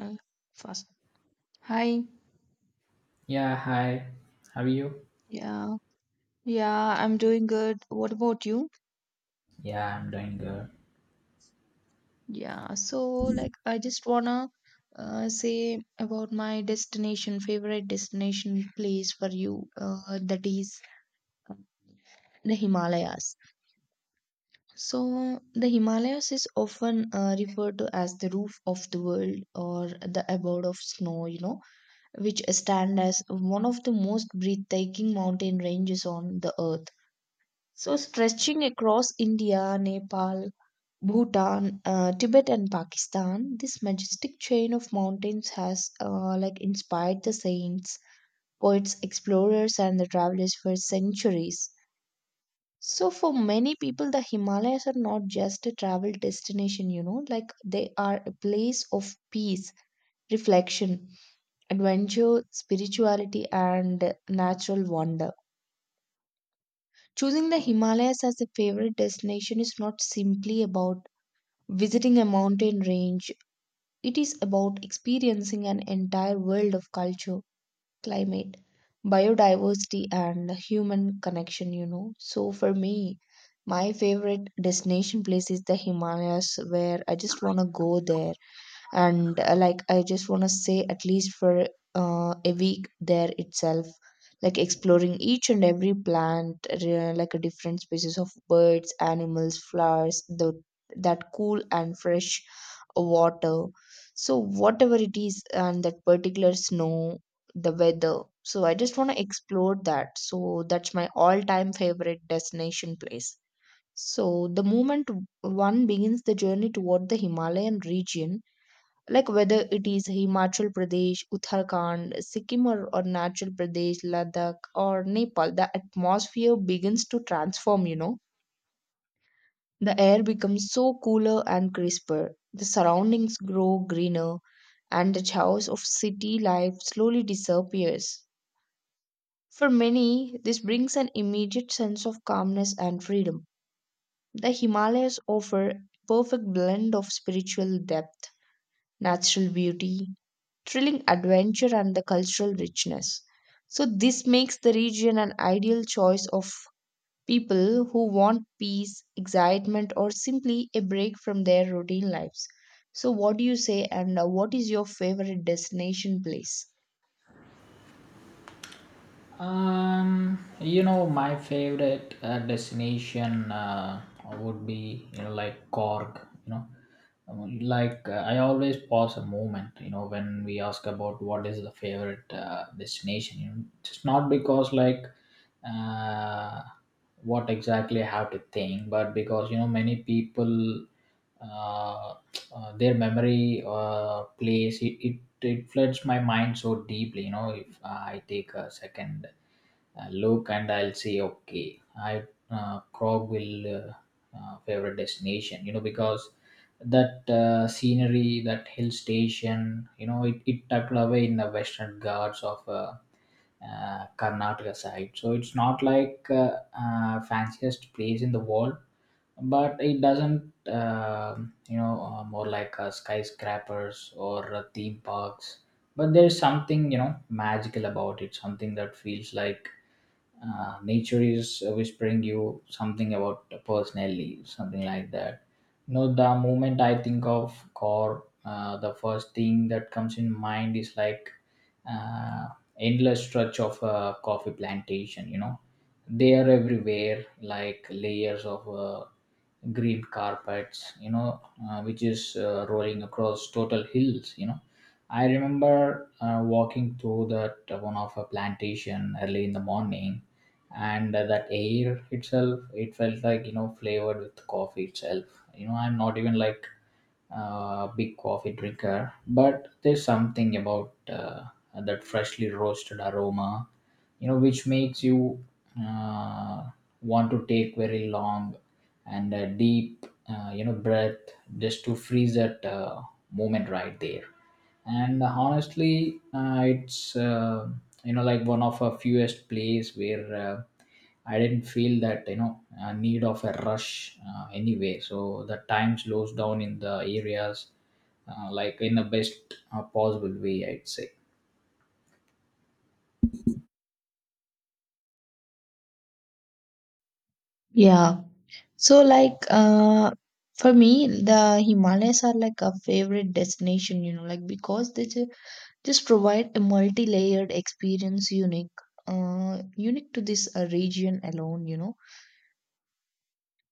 Uh, Fast. Hi. Yeah, hi. How are you? Yeah. Yeah, I'm doing good. What about you? Yeah, I'm doing good. Yeah. So, like, I just wanna say about my destination, favorite destination place for you, that is the Himalayas. So, the Himalayas is often referred to as the roof of the world or the abode of snow, you know, which stand as one of the most breathtaking mountain ranges on the earth. So, stretching across India, Nepal, Bhutan, Tibet, and Pakistan, this majestic chain of mountains has like inspired the saints, poets, explorers, and the travelers for centuries. So, for many people, the Himalayas are not just a travel destination, you know, like they are a place of peace, reflection, adventure, spirituality, and natural wonder. Choosing the Himalayas as a favorite destination is not simply about visiting a mountain range. It is about experiencing an entire world of culture, climate, biodiversity, and human connection, you know. So, for me, my favorite destination place is the Himalayas, where I just want to go there and like I just want to say at least for a week there itself, like exploring each and every plant like a different species of birds, animals, flowers, the that cool and fresh water. So whatever it is, and that particular snow, the weather, so I just want to explore that. So that's my all time favorite destination place. So the moment one begins the journey toward the Himalayan region, like whether it is Himachal Pradesh, Uttarakhand, Sikkim, or Natural Pradesh, Ladakh, or Nepal, the atmosphere begins to transform, you know. The air becomes so cooler and crisper, the surroundings grow greener, and the chaos of city life slowly disappears. For many, this brings an immediate sense of calmness and freedom. The Himalayas offer a perfect blend of spiritual depth, natural beauty, thrilling adventure, and the cultural richness. So, this makes the region an ideal choice of people who want peace, excitement, or simply a break from their routine lives. So, what do you say, and what is your favorite destination place? My favorite destination would be, you know, like Cork, you know. I always pause a moment, you know, when we ask about what is the favorite destination. You know, just not because, like, uh, what exactly I have to think, but because, you know, many people uh, their memory place it, it floods my mind so deeply. You know, if I take a second look, and I'll say, okay, I Crogville, favorite destination, you know, because that scenery, that hill station, you know, it tucked away in the Western Ghats of Karnataka side. So it's not like fanciest place in the world, but it doesn't you know more like skyscrapers or theme parks, but there's something, you know, magical about it, something that feels like nature is whispering you something about personally, something like that. You know, the moment I think of Core, the first thing that comes in mind is like uh, endless stretch of a coffee plantation, you know. They are everywhere, like layers of green carpets, you know, which is rolling across total hills, you know. I remember walking through that one of a plantation early in the morning, and that air itself, it felt like, you know, flavored with coffee itself. You know, I'm not even like a big coffee drinker, but there's something about that freshly roasted aroma, you know, which makes you uh, want to take very long and deep you know breath, just to freeze that moment right there. And honestly, it's you know, like one of a fewest place where I didn't feel that, you know, need of a rush anyway. So the time slows down in the areas, like in the best possible way, I'd say. Yeah. So, like, for me the Himalayas are like a favorite destination, you know, like because just provide a multi-layered experience, unique to this region alone, you know.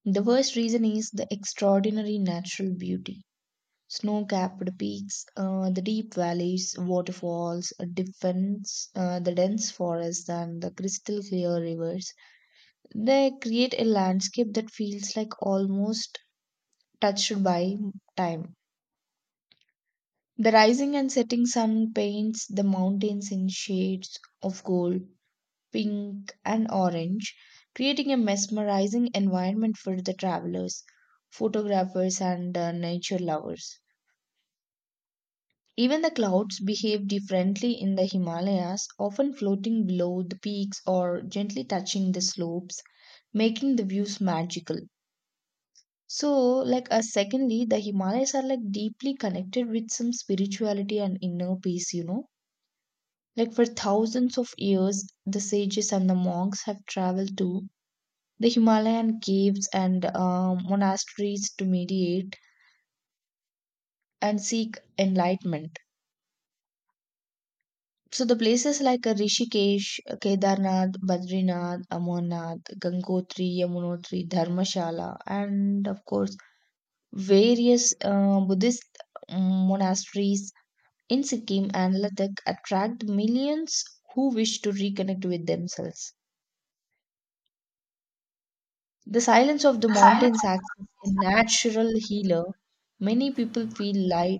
The first reason is the extraordinary natural beauty. Snow capped peaks, the deep valleys, waterfalls, a defense, the dense forests, and the crystal clear rivers. They create a landscape that feels like almost touched by time. The rising and setting sun paints the mountains in shades of gold, pink, and orange, creating a mesmerizing environment for the travelers, photographers, and nature lovers. Even the clouds behave differently in the Himalayas, often floating below the peaks or gently touching the slopes, making the views magical. So, secondly, the Himalayas are like deeply connected with some spirituality and inner peace, you know. Like, for thousands of years, the sages and the monks have traveled to the Himalayan caves and monasteries to meditate and seek enlightenment. So the places like Rishikesh, Kedarnath, Badrinath, Amarnath, Gangotri, Yamunotri, Dharmashala, and of course various Buddhist monasteries in Sikkim and Ladakh attract millions who wish to reconnect with themselves. The silence of the mountains acts as a natural healer. Many people feel light,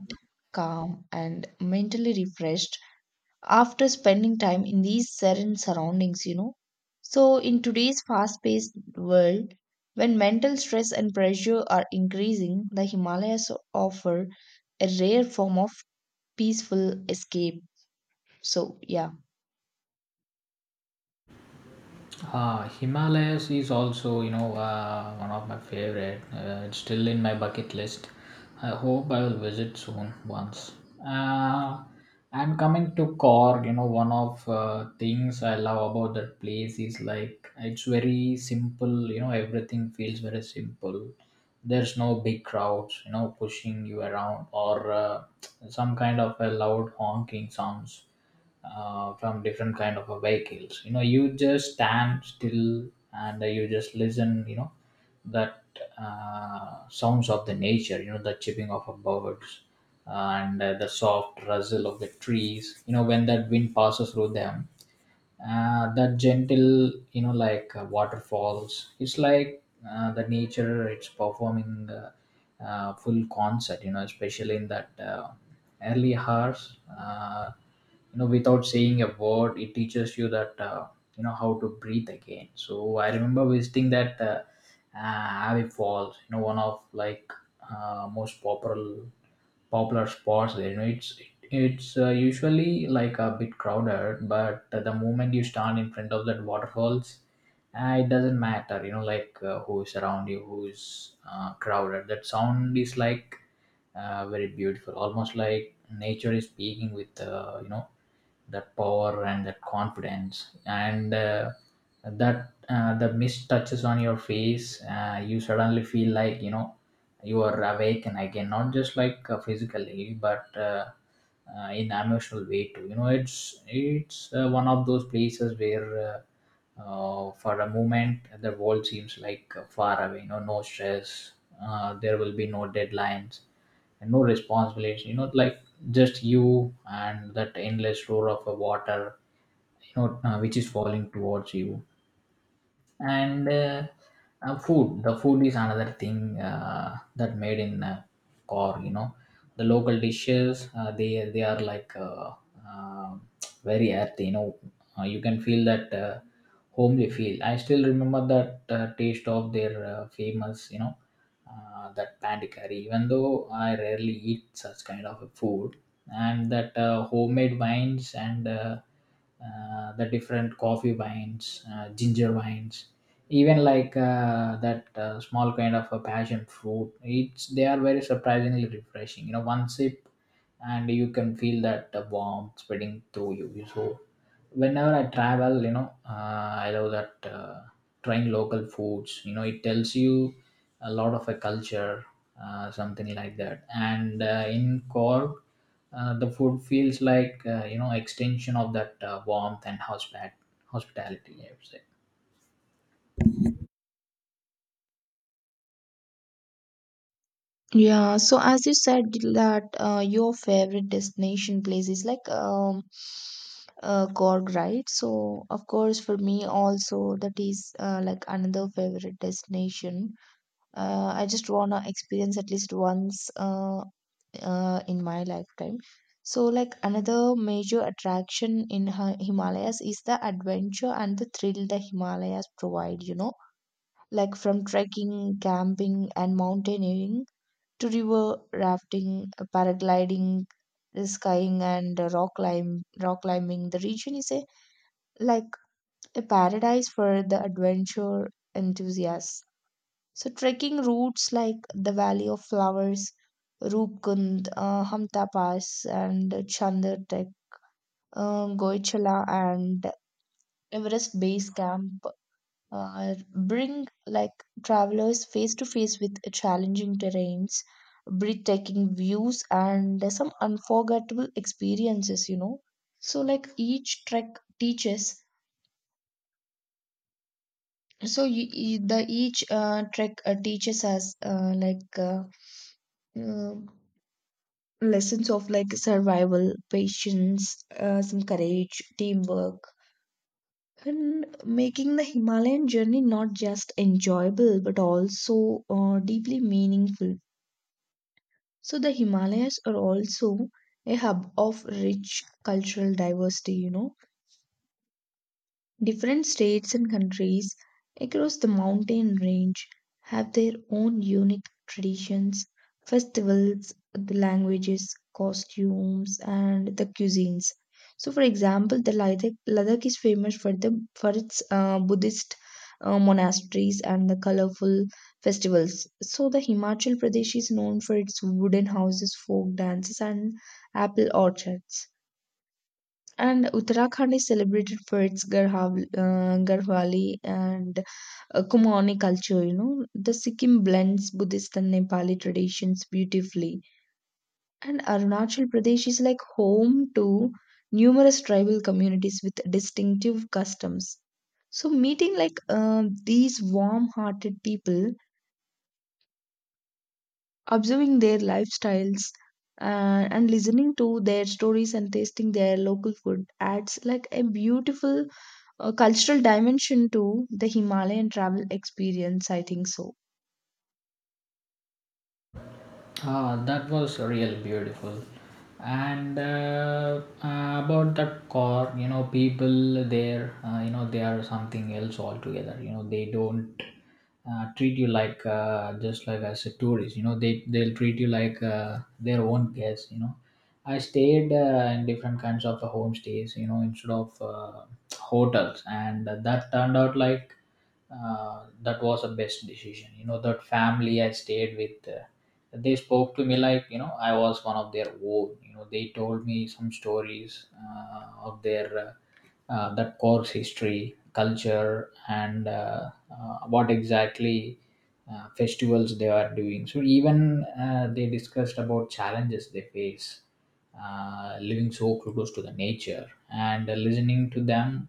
calm, and mentally refreshed after spending time in these serene surroundings, you know. So, in today's fast paced world, when mental stress and pressure are increasing, the Himalayas offer a rare form of peaceful escape. So, yeah. Himalayas is also, you know, one of my favorite. It's still in my bucket list. I hope I will visit soon once. Uh, and coming to Cork, you know, one of things I love about that place is like it's very simple. You know, everything feels very simple. There's no big crowds, you know, pushing you around, or some kind of a loud honking sounds from different kind of a vehicles. You know, you just stand still and you just listen, you know, that sounds of the nature, you know, the chirping of a birds, and the soft rustle of the trees, you know, when that wind passes through them. That gentle, you know, like waterfalls, it's like the nature, it's performing the full concert, you know, especially in that early hours. You know, without saying a word, it teaches you that, you know, how to breathe again. So I remember visiting that Abbey Falls, you know, one of like most popular spots there. You know, it's usually like a bit crowded, but the moment you stand in front of that waterfalls, it doesn't matter. You know, like, who is around you, who is crowded. That sound is like very beautiful, almost like nature is speaking with, you know, that power and that confidence. And that the mist touches on your face, you suddenly feel like, you know, you are awaken again, not just like physically, but in emotional way too. You know, it's one of those places where for a moment the world seems like far away. You know, no stress, there will be no deadlines, and no responsibilities, you know, like just you and that endless roar of a water, you know, which is falling towards you. And food, the food is another thing that made in Core, you know. The local dishes, they are like uh, very earthy, you know. You can feel that homely feel. I still remember that taste of their famous, you know, that pandi curry, even though I rarely eat such kind of a food. And that homemade wines and the different coffee wines, ginger wines, even like that small kind of a passion fruit, it's they are very surprisingly refreshing. You know, one sip and you can feel that warmth spreading through you. So whenever I travel, you know, I love that trying local foods, you know, it tells you a lot of a culture, something like that. And in Cork, the food feels like, you know, extension of that warmth and hospitality, I would say. Yeah, so as you said that your favorite destination place is like Cork, right? So of course for me also that is like another favorite destination. I just wanna experience at least once in my lifetime. So like another major attraction in Himalayas is the adventure and the thrill the Himalayas provide, you know. Like from trekking, camping, and mountaineering to river rafting, paragliding, skying, and rock climbing. The region is a like a paradise for the adventure enthusiasts. So trekking routes like the Valley of Flowers, Rupkund, Hamta Pass, and Chandar Trek, Goichala, and Everest Base Camp uh, bring like travelers face to face with challenging terrains, breathtaking views, and some unforgettable experiences, you know. So, like each trek teaches, so the each trek teaches us uh, lessons of like survival, patience, some courage, teamwork. And making the Himalayan journey not just enjoyable but also deeply meaningful. So the Himalayas are also a hub of rich cultural diversity, you know. Different states and countries across the mountain range have their own unique traditions, festivals, the languages, costumes, and the cuisines. So, for example, Ladakh is famous for the for its Buddhist monasteries and the colorful festivals. So, the Himachal Pradesh is known for its wooden houses, folk dances, and apple orchards. And Uttarakhand is celebrated for its Garhwali and Kumani culture, you know. The Sikkim blends Buddhist and Nepali traditions beautifully. And Arunachal Pradesh is like home to numerous tribal communities with distinctive customs. So, meeting like these warm hearted people, observing their lifestyles, and listening to their stories and tasting their local food adds like a beautiful a cultural dimension to the Himalayan travel experience, I think so. Ah, that was real beautiful. And about that car, you know, people there, you know, they are something else altogether. You know, they don't treat you like just like as a tourist. You know, they'll treat you like their own guest. You know, I stayed in different kinds of homestays. You know, instead of hotels, and that turned out like that was the best decision. You know, that family I stayed with. They spoke to me like, you know, I was one of their own. You know, they told me some stories of their that course history, culture, and what exactly festivals they are doing. So even they discussed about challenges they face living so close to the nature. And listening to them,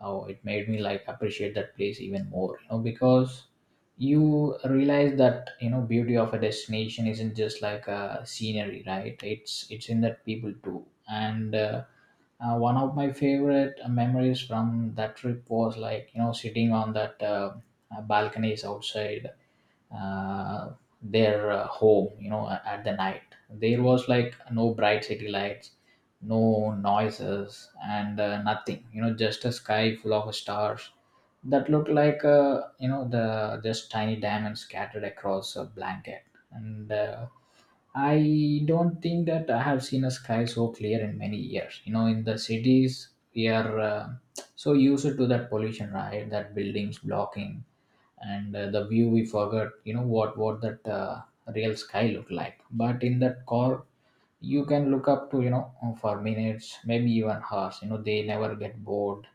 oh, it made me like appreciate that place even more, you know, because you realize that, you know, beauty of a destination isn't just like a scenery, right? It's in that people too. And one of my favorite memories from that trip was like, you know, sitting on that balconies outside uh, their home, you know, at the night. There was like no bright city lights, no noises, and nothing, you know, just a sky full of stars that looked like, you know, the just tiny diamonds scattered across a blanket. And I don't think that I have seen a sky so clear in many years. You know, in the cities, we are so used to that pollution, right? That buildings blocking, and the view, we forgot, you know, what that real sky looked like. But in that Core, you can look up to, you know, for minutes, maybe even hours. You know, they never get bored.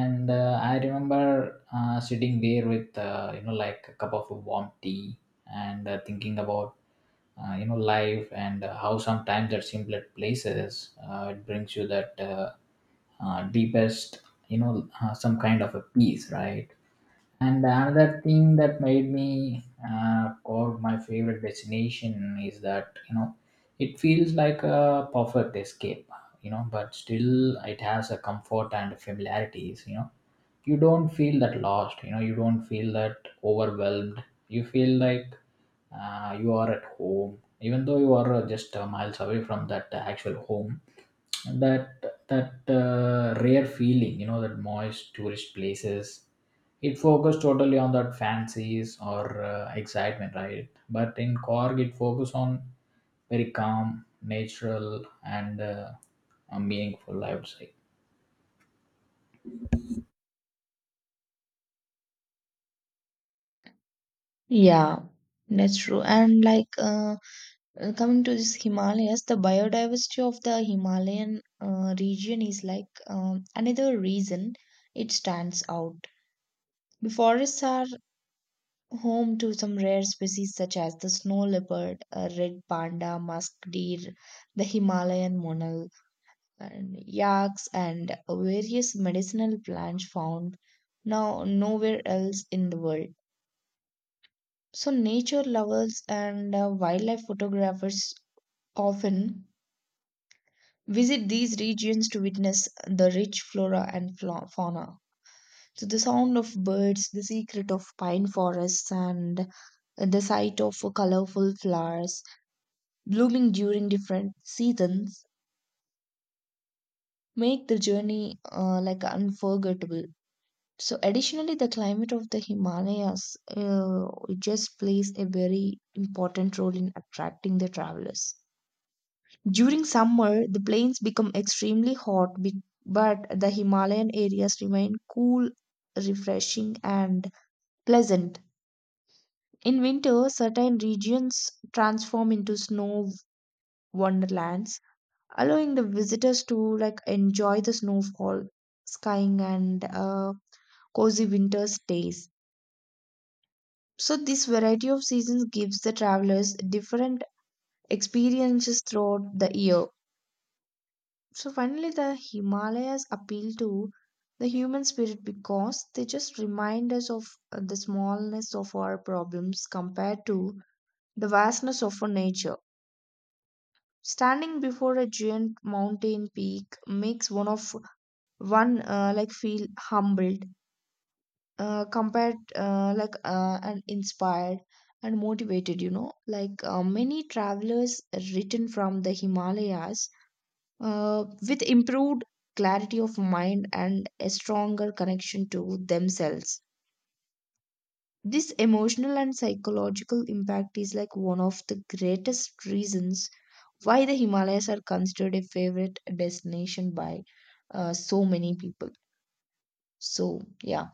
And I remember sitting there with, you know, like a cup of warm tea, and thinking about, you know, life, and how sometimes at simpler places, it brings you that deepest, you know, some kind of a peace, right? And another thing that made me call my favorite destination is that, you know, it feels like a perfect escape, you know, but still it has a comfort and familiarities. You know, you don't feel that lost. You know, you don't feel that overwhelmed. You feel like you are at home, even though you are just miles away from that actual home. That that uh, rare feeling, you know, that moist tourist places, it focused totally on that fancies or excitement, right? But in Korg, it focused on very calm, natural, and meaningful, I would say. Yeah, that's true. And coming to this Himalayas, the biodiversity of the Himalayan region is like another reason it stands out. The forests are home to some rare species such as the snow leopard, red panda, musk deer, the Himalayan monal, and yaks and various medicinal plants found nowhere else in the world. So, nature lovers and wildlife photographers often visit these regions to witness the rich flora and fauna. So, the sound of birds, the secret of pine forests, and the sight of colorful flowers blooming during different seasons make the journey like unforgettable. So, additionally, the climate of the Himalayas just plays a very important role in attracting the travelers. During summer, the plains become extremely hot, but the Himalayan areas remain cool, refreshing, and pleasant. In winter, certain regions transform into snow wonderlands, allowing the visitors to like enjoy the snowfall, skiing, and cozy winter stays. So, this variety of seasons gives the travelers different experiences throughout the year. So, finally, the Himalayas appeal to the human spirit because they just remind us of the smallness of our problems compared to the vastness of our nature. Standing before a giant mountain peak makes one like feel humbled, compared like and inspired and motivated, you know, like many travelers written from the Himalayas with improved clarity of mind and a stronger connection to themselves. This emotional and psychological impact is like one of the greatest reasons why the Himalayas are considered a favorite destination by so many people. So, yeah.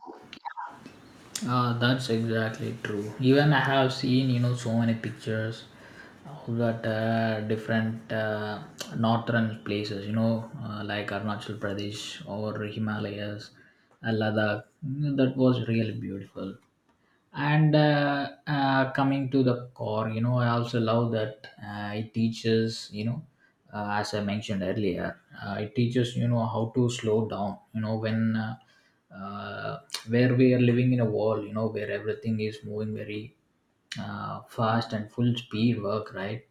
That's exactly true. Even I have seen, you know, so many pictures of that different northern places, you know, like Arunachal Pradesh, or Himalayas, Ladakh. That was really beautiful. And coming to the Core, you know, I also love that it teaches, you know, as I mentioned earlier, it teaches, you know, how to slow down. You know, when uh, where we are living in a world, you know, where everything is moving very fast and full speed work, right?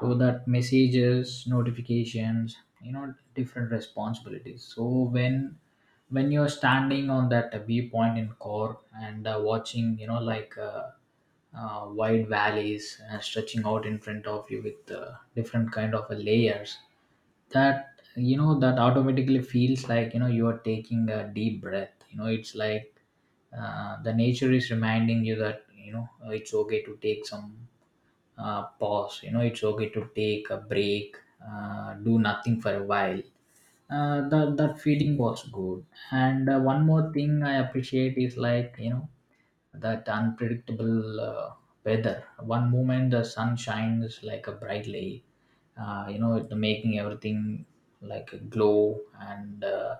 So that messages, notifications, you know, different responsibilities. So when you're standing on that viewpoint in Core, and watching, you know, like wide valleys stretching out in front of you with different kind of layers, that, you know, that automatically feels like, you know, you are taking a deep breath. You know, it's like the nature is reminding you that, you know, it's okay to take some pause. You know, it's okay to take a break, do nothing for a while. That feeling was good. And one more thing I appreciate is like, you know that unpredictable weather. One moment the sun shines like a brightly, it making everything like a glow, and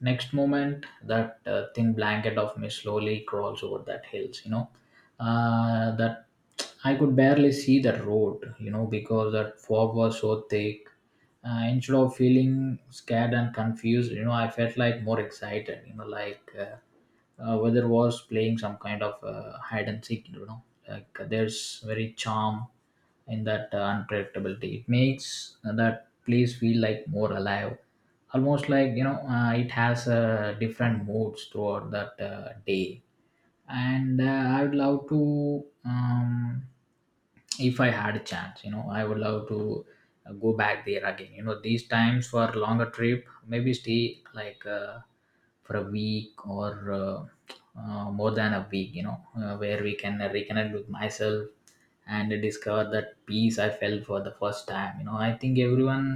next moment that thin blanket of mist slowly crawls over that hills. That I could barely see the road, because that fog was so thick. Instead of feeling scared and confused, you know, I felt like more excited. Whether was playing some kind of hide and seek, you know, like there's very charm in that unpredictability. It makes that place feel like more alive, almost like, you know, it has different moods throughout that day. And I would love to, if I had a chance, you know, I would love to go back there again, you know, these times for longer trip. Maybe stay like for a week or more than a week, you know, where we can reconnect with myself and discover that peace I felt for the first time. You know, I think everyone,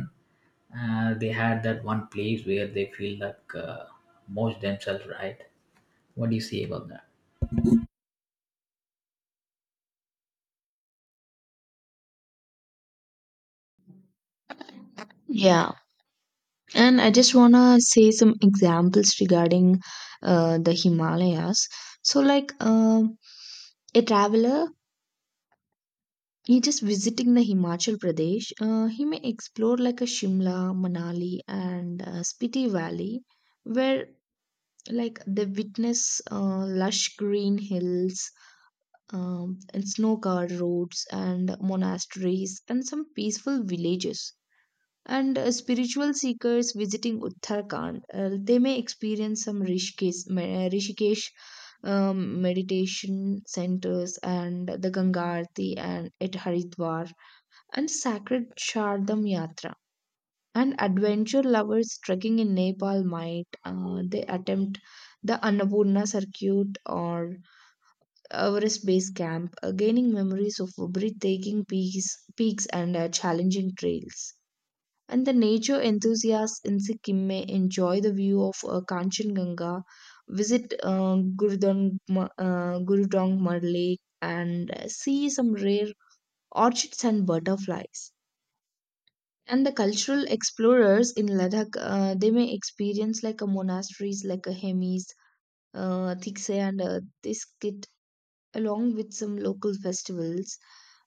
they had that one place where they feel like most themselves, right? What do you say about that? Yeah, and I just want to say some examples regarding the Himalayas. So, like a traveler, he just visiting the Himachal Pradesh, he may explore like a Shimla, Manali, and Spiti Valley, where like they witness lush green hills and snow covered roads and monasteries and some peaceful villages. And spiritual seekers visiting Uttarakhand, they may experience some Rishikesh meditation centers and the Ganga Aarti and at Haridwar and sacred Shardam Yatra. And adventure lovers trekking in Nepal might they attempt the Annapurna circuit or Everest base camp, gaining memories of breathtaking peaks and challenging trails. And the nature enthusiasts in Sikkim may enjoy the view of Kanchenjunga, visit Gurudongmar Lake, and see some rare orchids and butterflies. And the cultural explorers in Ladakh, they may experience like a monasteries like a Hemis, Thikse, and Thiskit along with some local festivals,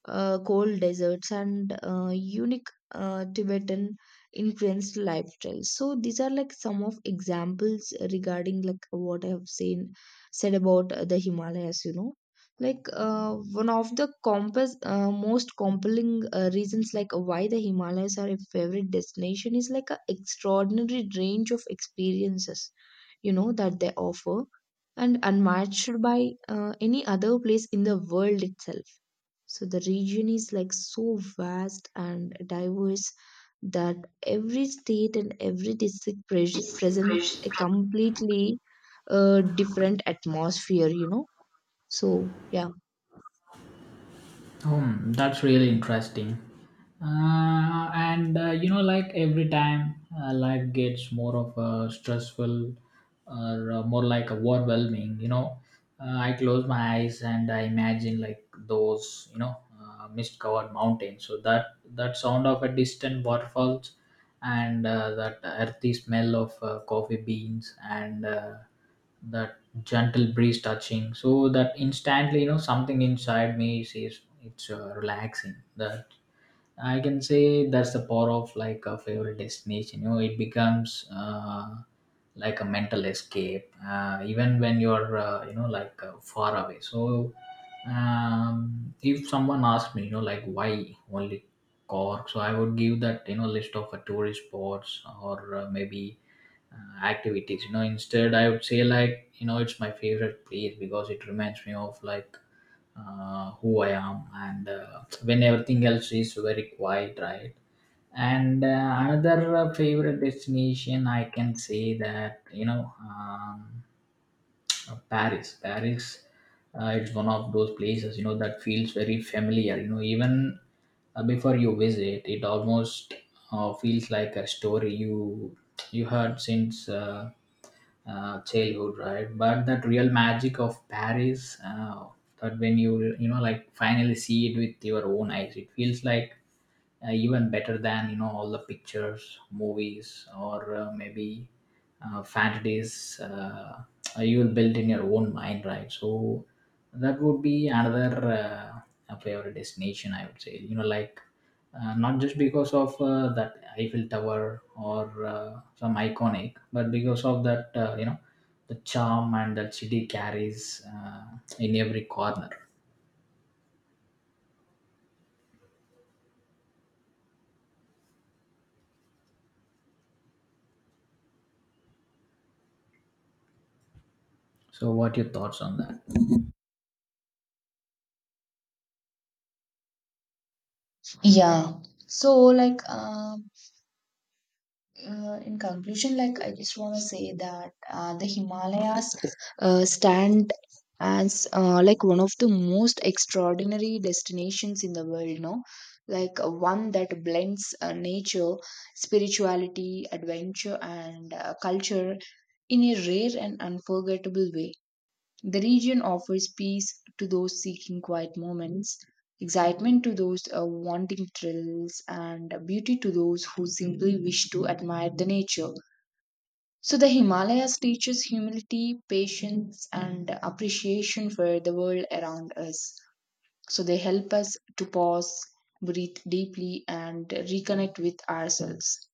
cold deserts, and unique Tibetan influenced lifestyles. So these are like some of examples regarding like what I have seen said about the Himalayas. You know, like one of the compass most compelling reasons like why the Himalayas are a favorite destination is like a extraordinary range of experiences, you know, that they offer and unmatched by any other place in the world itself. So the region is like so vast and diverse that every state and every district presents a completely different atmosphere, you know. So, yeah. Hmm, that's really interesting. And You know, like every time life gets more of a stressful or more like overwhelming, you know, I close my eyes and I imagine like those, you know, mist-covered mountains. So that sound of a distant waterfalls and that earthy smell of coffee beans, and that gentle breeze touching, so that instantly, you know, something inside me says it's relaxing. That I can say that's the power of like a favorite destination. You know, it becomes like a mental escape, even when you're you know, like far away. So, if someone asked me, you know, like why only Cork, so I would give that, you know, list of tourist spots or maybe activities, you know. Instead I would say, like, you know, it's my favorite place because it reminds me of like who I am, and when everything else is very quiet, right? And another favorite destination I can say that, you know, Paris. Paris, it's one of those places, you know, that feels very familiar. You know, even before you visit, it almost feels like a story you heard since childhood, right? But that real magic of Paris, that when you know, like finally see it with your own eyes, it feels like even better than, you know, all the pictures, movies, or maybe fantasies you will build in your own mind, right? So that would be another favorite destination, I would say, you know, like not just because of that eiffel tower or some iconic, but because of that, you know, the charm and that city carries in every corner. So what are your thoughts on that? Yeah. So, in conclusion, like I just want to say that the Himalayas stand as like one of the most extraordinary destinations in the world, no? Like one that blends nature, spirituality, adventure, and culture in a rare and unforgettable way. The region offers peace to those seeking quiet moments, excitement to those wanting thrills, and beauty to those who simply wish to admire the nature. So, the Himalayas teaches humility, patience, and appreciation for the world around us. So, they help us to pause, breathe deeply, and reconnect with ourselves.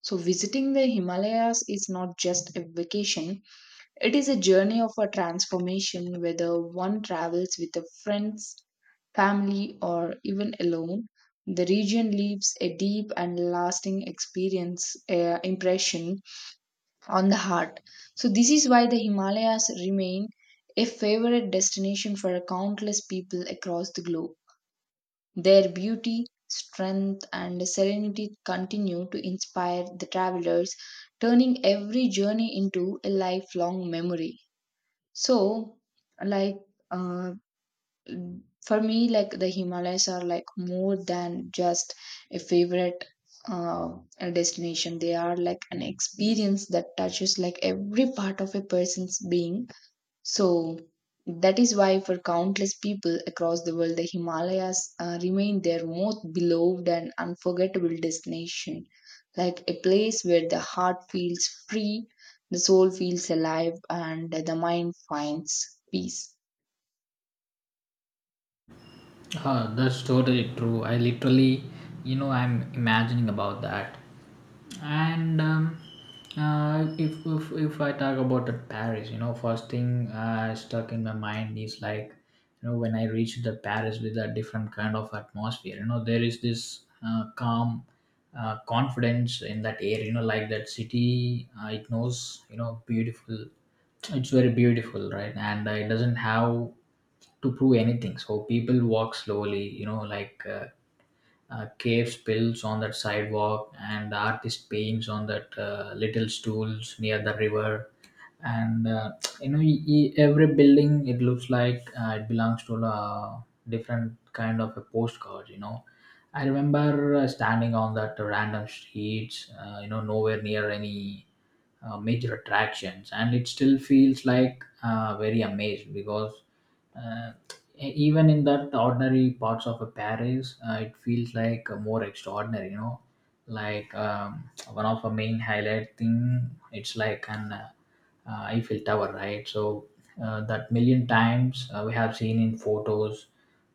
So, visiting the Himalayas is not just a vacation, it is a journey of a transformation, whether one travels with a friends, family, or even alone. The region leaves a deep and lasting experience impression on the heart. So this is why the Himalayas remain a favorite destination for countless people across the globe. Their beauty, strength, and serenity continue to inspire the travelers, turning every journey into a lifelong memory. So, like, uh, for me, like the Himalayas are like more than just a favorite uh, a destination. They are like an experience that touches like every part of a person's being. So that is why, for countless people across the world, the Himalayas remain their most beloved and unforgettable destination, like a place where the heart feels free, the soul feels alive, and the mind finds peace. Huh, that's totally true. I literally, you know, I'm imagining about that. And if, if I talk about the Paris, you know, first thing stuck in my mind is like, you know, when I reached the Paris with a different kind of atmosphere. You know, there is this calm confidence in that air. You know, like that city, it knows, you know, beautiful. It's very beautiful, right? And it doesn't have to prove anything. So people walk slowly, you know, like cave spills on that sidewalk, and the artist paints on that little stools near the river. And you know, every building, it looks like it belongs to a different kind of a postcard. You know, I remember standing on that random streets, you know, nowhere near any major attractions, and it still feels like very amazed, because Uh, even in that ordinary parts of a paris, it feels like a more extraordinary, you know, like, one of the main highlight thing, it's like an eiffel tower, right? So that million times we have seen in photos,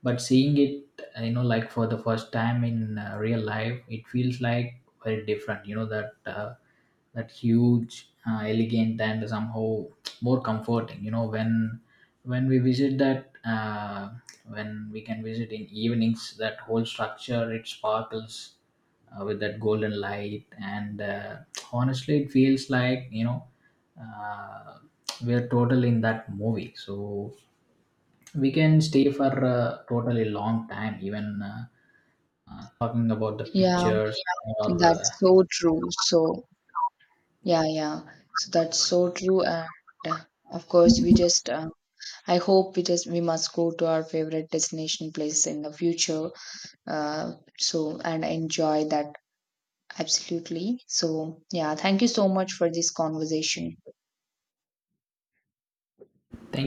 but seeing it, you know, like for the first time in real life, it feels like very different. You know, that that huge, elegant and somehow more comforting, you know, when we visit that, when we can visit in evenings, that whole structure, it sparkles with that golden light. And honestly, it feels like, you know, uh, we're total in that movie. So we can stay for a totally long time, even talking about the Yeah, pictures or that's so true. So, yeah, yeah. So that's so true. And uh, of course, we just, I hope we must go to our favorite destination places in the future, uh, so and enjoy that absolutely. So yeah, thank you so much for this conversation. Thank